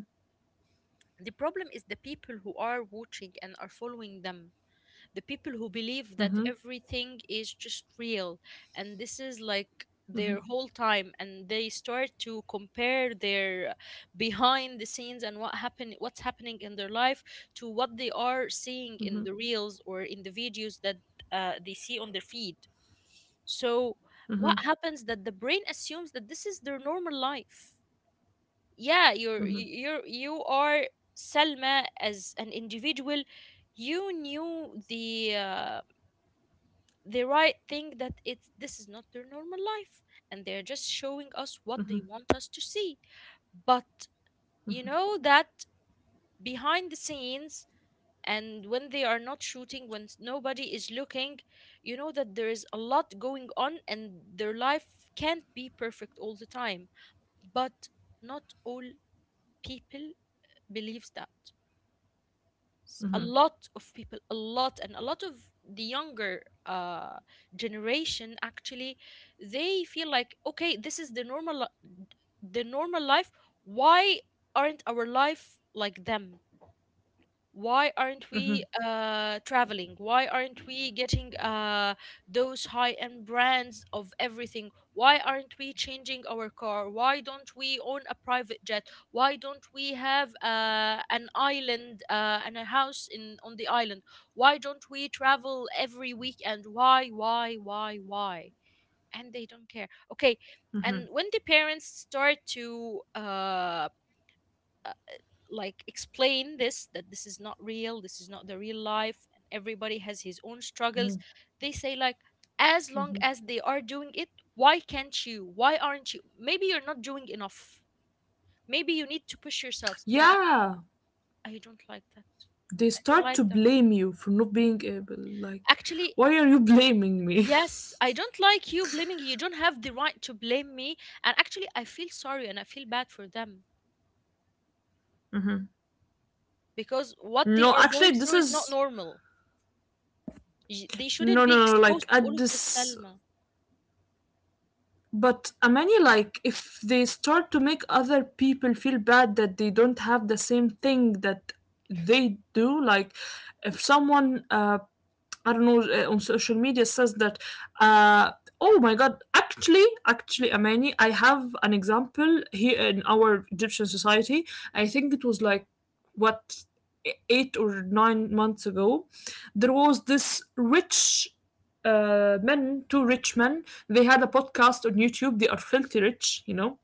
S1: the problem is the people who are watching and are following them, the people who believe that everything is just real and this is like their whole time, and they start to compare their behind the scenes and what happen what's happening in their life to what they are seeing in the reels or in the videos that uh, they see on their feed. So what happens that the brain assumes that this is their normal life. Yeah, you're you're you are Selma as an individual, you knew the uh, the right thing that it's this is not their normal life, and they're just showing us what they want us to see. But you know that behind the scenes, and when they are not shooting, when s- nobody is looking, you know that there is a lot going on and their life can't be perfect all the time. But not all people believes that. S- a lot of people, a lot and a lot of the younger, uh, generation actually, they feel like okay, this is the normal li- the normal life. Why aren't our life like them? Why aren't we uh, traveling? Why aren't we getting uh, those high end brands of everything? Why aren't we changing our car? Why don't we own a private jet? Why don't we have uh, an island uh, and a house in on the island? Why don't we travel every weekend? Why, why, why, why? And they don't care. Okay, and when the parents start to uh, uh, like explain this, that this is not real, this is not the real life, and everybody has his own struggles, they say like, as long as they are doing it, why can't you? Why aren't you? Maybe you're not doing enough, maybe you need to push yourselves, and
S2: Yeah.
S1: I don't like that.
S2: They
S1: I don't
S2: start
S1: like
S2: to
S1: that,
S2: blame you for not being able. Like,
S1: actually.
S2: why are you blaming me?
S1: Yes, I don't like you blaming you. You don't have the right to blame me. And actually I feel sorry and I feel bad for them, because what they
S2: No,
S1: are going
S2: actually,
S1: through
S2: this
S1: is not
S2: is
S1: normal. Y- they shouldn't
S2: no,
S1: be
S2: no, no. Like
S1: exposed to all
S2: at
S1: of this,
S2: this,
S1: Salma.
S2: but uh, many, like if they start to make other people feel bad that they don't have the same thing that they do, like if someone uh, I don't know, uh, on social media says that, uh, oh my God, actually, actually, Amani, I have an example here in our Egyptian society. I think it was like, what, e- eight or nine months ago, there was this rich uh, men, two rich men. They had a podcast on YouTube. They are filthy rich, you know.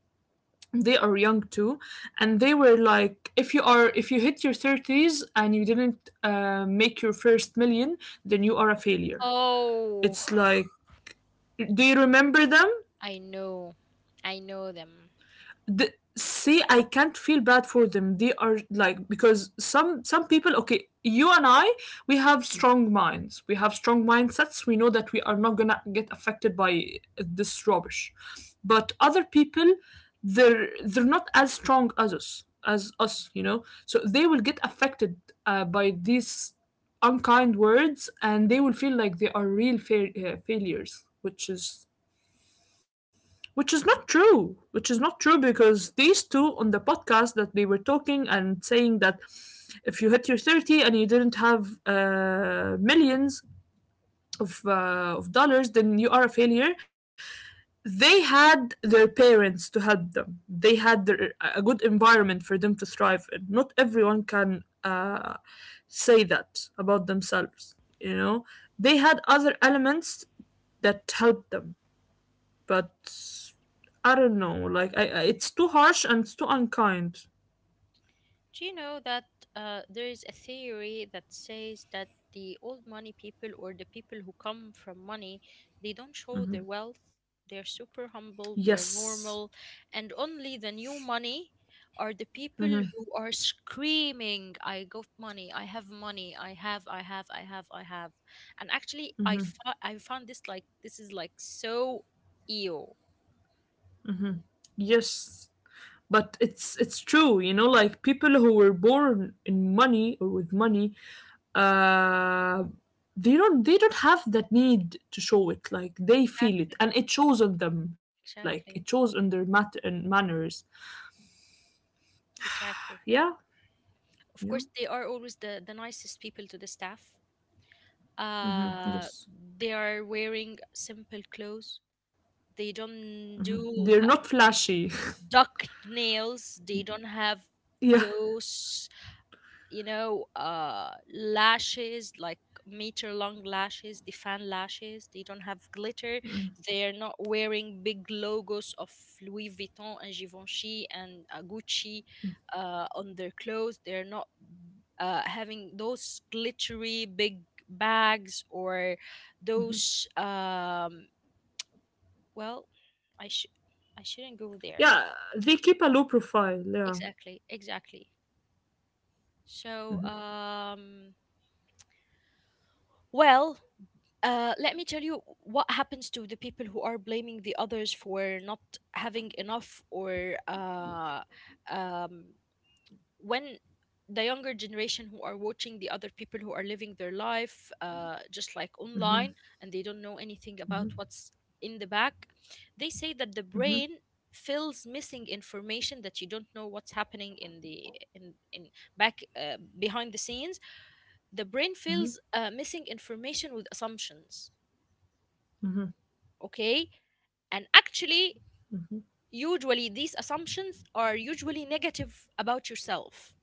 S2: They are young too, and they were like if you are if you hit your thirties and you didn't uh, make your first million, then you are a failure.
S1: Oh,
S2: It's like, do you remember them?
S1: I know. I know them.
S2: the, See, I can't feel bad for them. They are like because some some people, okay, you and I, we have strong minds, we have strong mindsets, we know that we are not gonna get affected by this rubbish. But other people, they're they're not as strong as us as us, you know, so they will get affected uh, by these unkind words, and they will feel like they are real fa- uh, failures, which is which is not true, which is not true, because these two on the podcast that they were talking and saying that if you hit your thirty and you didn't have uh, millions of, uh, of dollars, then you are a failure. They had their parents to help them, they had their, a good environment for them to thrive in. Not everyone can uh, say that about themselves, you know. They had other elements that helped them. But I don't know, like I, I it's too harsh and it's too unkind.
S1: Do you know that uh, there is a theory that says that the old money people, or the people who come from money, they don't show their wealth. They're super humble, they're
S2: Yes.
S1: normal, and only the new money are the people
S2: Hmm.
S1: who are screaming, I got money, I have money, I have, I have, I have, I have. And actually, I, fo- I found this like, this is like so ew.
S2: Yes. But it's it's true, you know, like people who were born in money or with money, uh they don't they don't have that need to show it. Like they feel it and it shows on them, like it
S1: Exactly.
S2: shows on their mat and manners.
S1: Exactly.
S2: Yeah,
S1: Of course,
S2: yeah.
S1: they are always the, the nicest people to the staff. Uh,
S2: Yes.
S1: they are wearing simple clothes. They don't do
S2: They're
S1: the
S2: not flashy.
S1: duck nails. They don't have
S2: Yeah,
S1: those, you know, uh, lashes, like meter long lashes, the fan lashes. They don't have glitter. They're not wearing big logos of Louis Vuitton and Givenchy and uh, Gucci uh, on their clothes. They're not uh, having those glittery big bags or those, um, well, I, sh- I shouldn't go there.
S2: yeah. They keep a low profile, yeah.
S1: Exactly, exactly. So, um, well, uh, let me tell you what happens to the people who are blaming the others for not having enough, or uh, um, when the younger generation who are watching the other people who are living their life uh, just like online,
S2: Hmm.
S1: and they don't know anything about what's in the back, they say that the brain
S2: Hmm.
S1: fills missing information. That you don't know what's happening in the in in back, uh, behind the scenes, the brain fills
S2: Hmm.
S1: uh, missing information with assumptions.
S2: Mm-hmm,
S1: Okay. And actually, usually these assumptions are usually negative about yourself,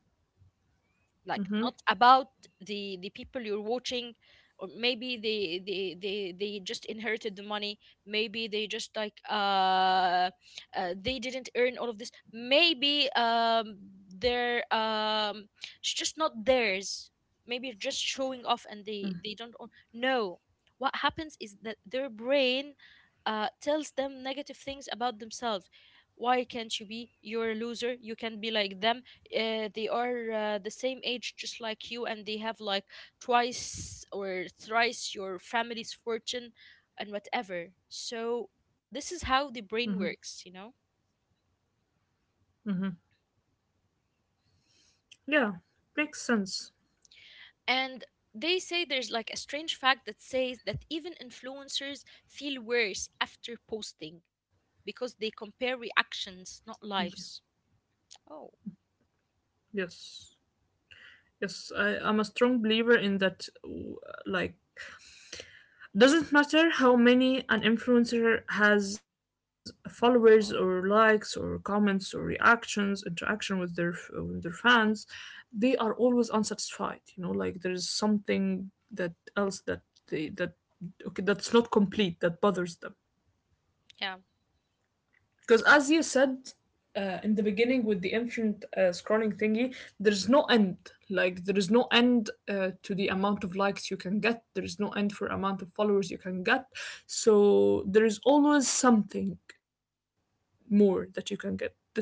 S1: like
S2: mm-hmm,
S1: not about the the people you're watching, or maybe they they they, they just inherited the money, maybe they just like uh, uh they didn't earn all of this, maybe um they're, um it's just not theirs, maybe it's just showing off and they they don't own. No. What happens is that their brain uh tells them negative things about themselves. Why can't you be? You're a loser. You can be like them. Uh, they are uh, the same age just like you, and they have like twice or thrice your family's fortune and whatever. So this is
S2: mm-hmm,
S1: how the brain works, you know.
S2: mm-hmm. Yeah, makes sense.
S1: And they say there's like a strange fact that says that even influencers feel worse after posting because they compare reactions,
S2: Y-
S1: not lives. Oh,
S2: Yes, yes, I, I'm a strong believer in that. w- Like, doesn't matter how many an influencer has followers or likes or comments or reactions, interaction with their f- with their fans, they are always unsatisfied. You know, like there is something that else that they that okay that's not complete that bothers them.
S1: yeah.
S2: Because as you said uh, in the beginning with the infinite uh, scrolling thingy, there's no end. Like there is no end uh, to the amount of likes you can get. There is no end for amount of followers you can get. So there is always something more that you can get. This is why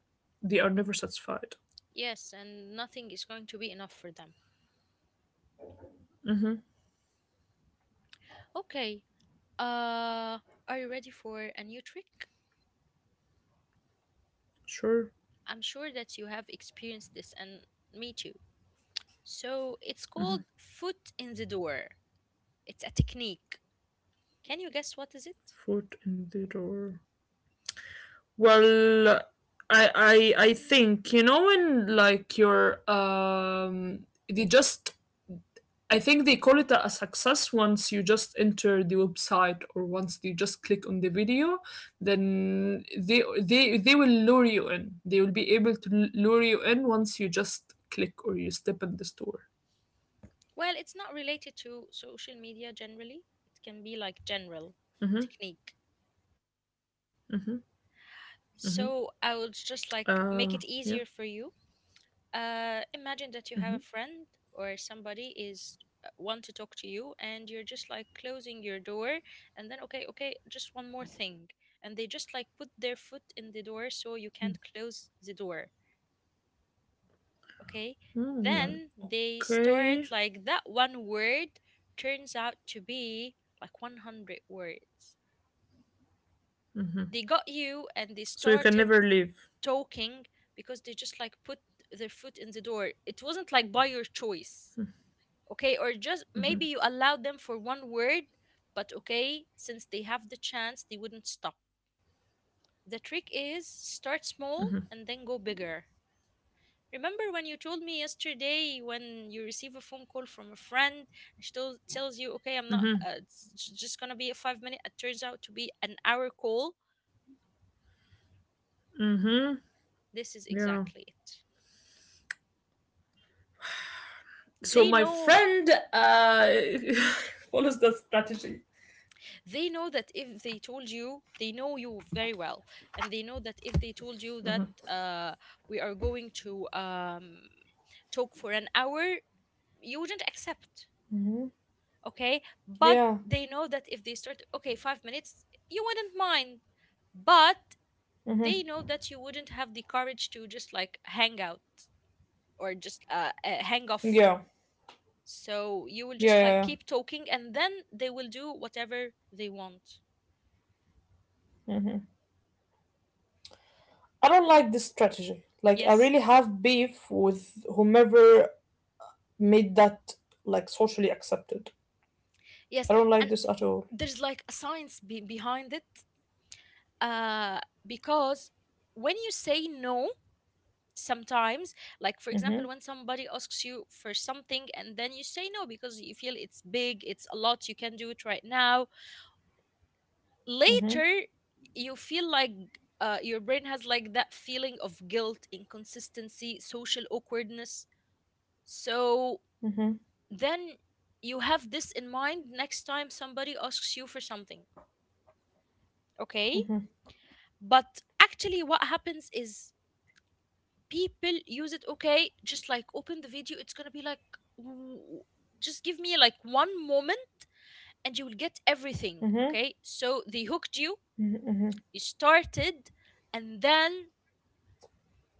S2: they are never satisfied.
S1: Yes, and nothing is going to be enough for them. Okay. uh are you ready for a new trick?
S2: Sure,
S1: I'm sure that you have experienced this, and me too. So it's called foot in the door. It's a technique. Can you guess what is it?
S2: foot in the door. Well, I I I think you know when like your um they just I think they call it a, success once you just enter the website or once you just click on the video, then they they they will lure you in. They will be able to lure you in once you just click or you step in the store.
S1: Well, it's not related to social media generally. It can be like general technique. So I would just
S2: Uh
S1: like
S2: yeah.
S1: make it easier for you. Uh, imagine that you have a friend, or somebody is uh, want to talk to you, and you're just like closing your door, and then okay, okay, just one more thing, and they just like put their foot in the door so you can't close the door. Okay, then they
S2: Okay.
S1: start like that one word turns out to be like a hundred words. They got you and they
S2: So you can
S1: started
S2: never leave.
S1: talking because they just like put their foot in the door. It wasn't like by your choice. Okay, or just maybe you allow them for one word, but okay, since they have the chance, they wouldn't stop. The trick is start small and then go bigger. Remember when you told me yesterday when you receive a phone call from a friend and she tells, tells you okay, I'm not uh, it's j- just gonna be a five minute, it turns out to be an hour call. This is
S2: Yeah.
S1: exactly it.
S2: So
S1: they
S2: my
S1: know
S2: friend uh follows that strategy.
S1: they know that if they told you, they know you very well, and they know that if they told you that uh, we are going to um, talk for an hour, you wouldn't accept. Okay, but
S2: Yeah.
S1: they know that if they start okay five minutes, you wouldn't mind. But they know that you wouldn't have the courage to just like hang out, or just uh, uh, hang off.
S2: Yeah.
S1: So you will
S2: Yeah.
S1: just
S2: Yeah,
S1: like
S2: yeah.
S1: keep talking, and then they will do whatever they want.
S2: I don't like this strategy. Like I
S1: Yes.
S2: really have beef with whomever made that like socially accepted.
S1: Yes,
S2: I don't like
S1: and
S2: this at all.
S1: there's like a science be- behind it, uh, because when you say no, sometimes, like for example, when somebody asks you for something and then you say no because you feel it's big, it's a lot, you can do it right now, later, you feel like uh, your brain has like that feeling of guilt, inconsistency, social awkwardness. So then you have this in mind next time somebody asks you for something, okay? But actually what happens is people use it, okay, just like open the video, it's gonna be like w- just give me like one moment and you will get everything, okay, so they hooked you. You started, and then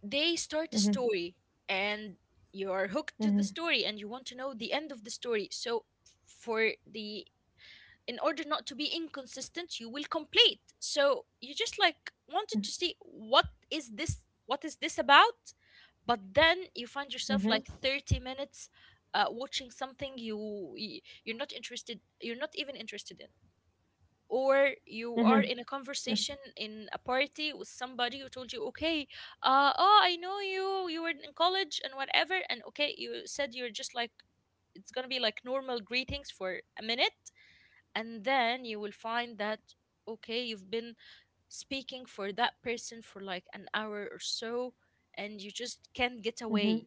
S1: they start a story, and you are hooked to the story and you want to know the end of the story. So for the, in order not to be inconsistent, you will complete, so you just like wanted to see what is this, what is this about. But then you find yourself like thirty minutes uh, watching something you, y- you're not interested, you're not even interested in. Or you are in a conversation in a party with somebody who told you, okay, uh oh, I know you, you were in college and whatever, and okay, you said, you're just like it's gonna be like normal greetings for a minute, and then you will find that okay, you've been speaking for that person for like an hour or so, and you just can't get
S2: Hmm.
S1: away.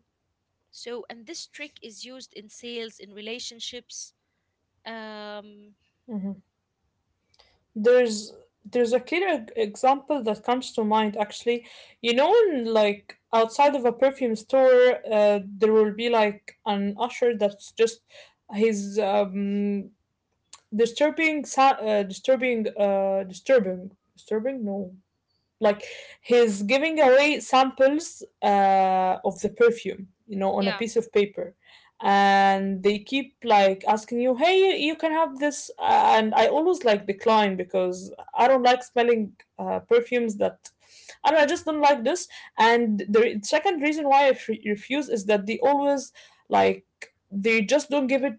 S1: So and this trick is used in sales, in relationships. um
S2: Hmm. There's there's a clear e- example that comes to mind actually. You know, in, like outside of a perfume store, uh, there will be like an usher that's just his um disturbing sa- uh, disturbing uh disturbing disturbing no like he's giving away samples uh, of the perfume, you know, on a
S1: yeah.
S2: piece of paper, and they keep like asking you, hey, you can have this. Uh, and I always like decline because I don't like smelling uh, perfumes that i don't I just don't like this. And the second reason why i f- refuse is that they always like they just don't give it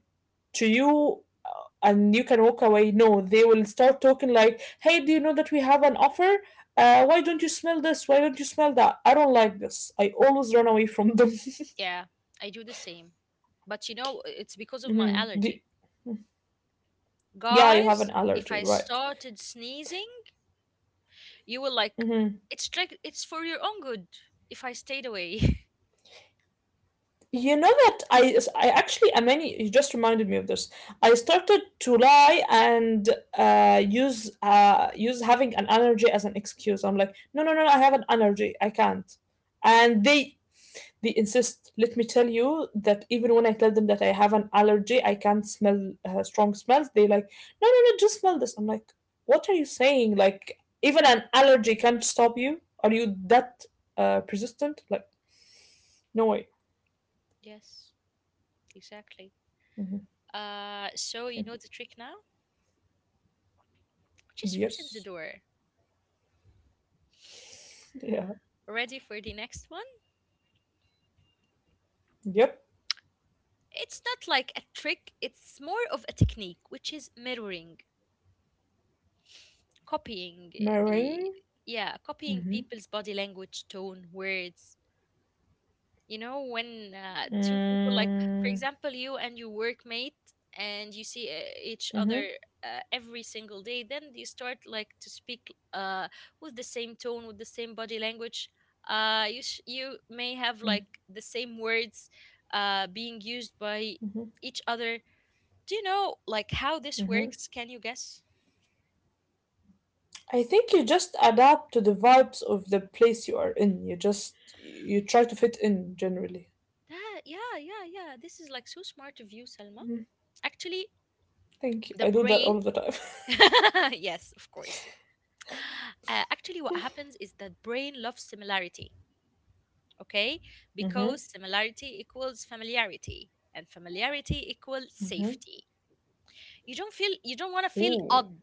S2: to you, uh, and you can walk away. No, they will start talking like, hey, do you know that we have an offer? Uh, why don't you smell this? Why don't you smell that? I don't like this. I always run away from them.
S1: Yeah, I do the same, but you know it's because of my
S2: Mhm.
S1: allergy.
S2: The yeah, you have an
S1: Guys, if
S2: allergy,
S1: I
S2: right?
S1: started sneezing, you will like,
S2: Hmm.
S1: it's like it's for your own good if I stayed away.
S2: You know that I, I actually, Amani, you just reminded me of this. I started to lie and uh, use uh, use having an allergy as an excuse. I'm like, no, no, no, I have an allergy. I can't. And they They insist, let me tell you that even when I tell them that I have an allergy, I can't smell uh, strong smells. They like, no, no, no, just smell this. I'm like, what are you saying? Like, even an allergy can't stop you. Are you that uh, persistent? Like, no way.
S1: Yes, exactly.
S2: Mhm.
S1: Uh so you know the trick now, just foot in the
S2: Yes.
S1: door.
S2: Yeah.
S1: Ready for the next one?
S2: Yep.
S1: It's not like a trick, it's more of a technique, which is mirroring, copying uh,
S2: My
S1: the,
S2: ring.
S1: yeah, copying
S2: Mm-hmm.
S1: people's body language, tone, words. You know, when uh, two people, like for
S2: Mm-hmm.
S1: example, you and your workmate, and you see uh, each other uh, every single day, then you start like to speak uh, with the same tone, with the same body language. Uh, you sh- you may have like the same words uh, being used by
S2: Mm-hmm.
S1: each other. Do you know like how this
S2: Mm-hmm.
S1: works? Can you guess?
S2: I think you just adapt to the vibes of the place you are in. You just you try to fit in generally.
S1: That, yeah, yeah, yeah. This is like so smart of you, Salma. Actually,
S2: Thank you.
S1: the
S2: I do that
S1: brain,
S2: all of the time.
S1: yes, of course. Uh, actually what happens is that brain loves similarity, okay,
S2: Mm-hmm.
S1: because similarity equals familiarity and familiarity equals safety. You don't feel, you don't want to feel
S2: Ooh.
S1: odd.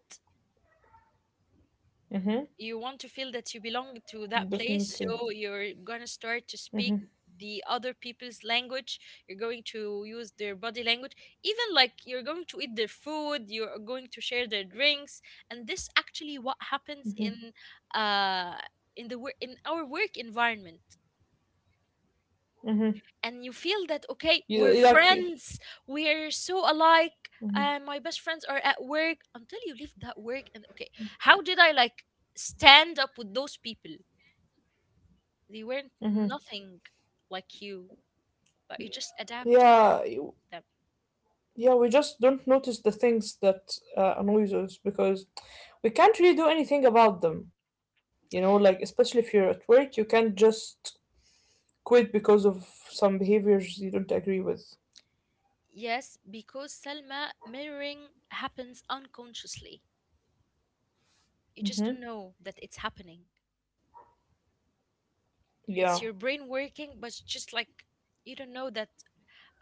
S2: Mm-hmm.
S1: You want to feel that you belong to that place,
S2: Definitely.
S1: so you're going to start to speak
S2: Mm-hmm.
S1: the other people's language, you're going to use their body language, even like you're going to eat their food, you're going to share their drinks. And this actually what happens in uh in the wor- in our work environment,
S2: Mm-hmm.
S1: and you feel that okay,
S2: You,
S1: we're
S2: like,
S1: friends, we're so alike, uh, my best friends are at work, until you leave that work and okay, how did I like stand up with those people? They weren't
S2: mm-hmm.
S1: nothing like you, but you just adapted
S2: yeah, you-
S1: them.
S2: yeah. We just don't notice the things that uh, annoys us because we can't really do anything about them. You know, like especially if you're at work, you can't just quit because of some behaviors you don't agree with.
S1: Yes, because Selma, mirroring happens unconsciously. You just
S2: Mm-hmm.
S1: don't know that it's happening.
S2: Yeah.
S1: It's your brain working, but it's just like you don't know that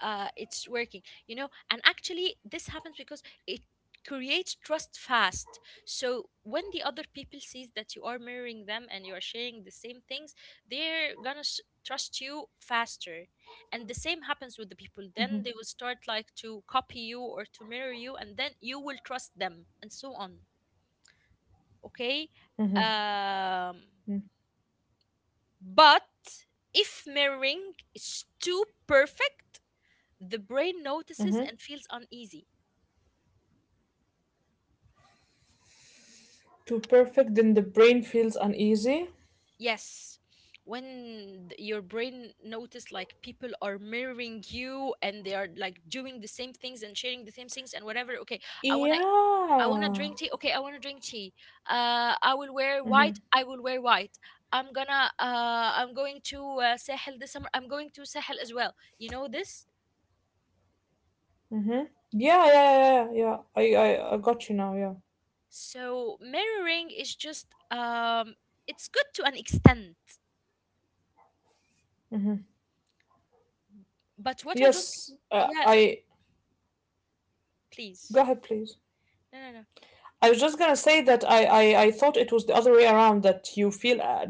S1: uh, it's working, you know. And actually this happens because it creates trust fast. So when the other people sees that you are mirroring them and you are sharing the same things, they're gonna s trust you faster. And the same happens with the people, then they will start like to copy you or to mirror you, and then you will trust them and so on. Okay. um but if mirroring is too perfect, the brain notices and feels uneasy.
S2: Too perfect, then the brain feels uneasy.
S1: Yes. When th- your brain notice like people are mirroring you and they are like doing the same things and sharing the same things and whatever. Okay, I wanna, I wanna
S2: Yeah.
S1: drink tea. Okay, I wanna drink tea. Uh, I will wear white. I will wear white. I'm gonna uh, I'm going to uh, Sahel this summer. I'm going to Sahel as well. You know this.
S2: Yeah, yeah, yeah, yeah. I, I, I got you now. Yeah.
S1: So mirroring is just um, it's good to an extent. But what I don't,
S2: Yes, uh,
S1: yeah,
S2: I
S1: please,
S2: go ahead, please.
S1: no, no, no.
S2: I was just gonna say that I, I I thought it was the other way around that you feel uh,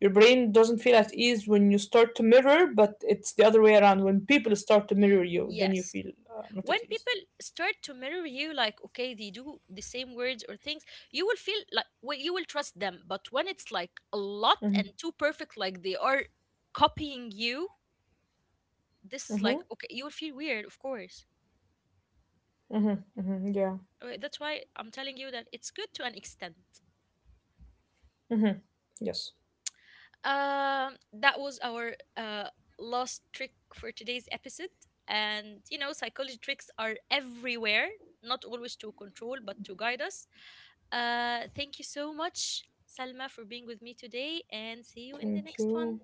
S2: your brain doesn't feel at ease when you start to mirror, but it's the other way around. When people start to mirror you, then you
S1: Yes.
S2: feel uh, not
S1: When
S2: at ease.
S1: people start to mirror you, like okay, they do the same words or things, you will feel like, well, you will trust them. But when it's like a lot
S2: Mm-hmm,
S1: and too perfect, like they are copying you, this is
S2: mm-hmm,
S1: like okay, you will feel weird, of course.
S2: mm-hmm, yeah.
S1: Uh, that's why I'm telling you that it's good to an extent.
S2: Yes.
S1: um that was our uh last trick for today's episode. And you know psychology tricks are everywhere, not always to control but to guide us. Uh, thank you so much, Salma, for being with me today, and see you in the
S2: Thank
S1: next
S2: you.
S1: one.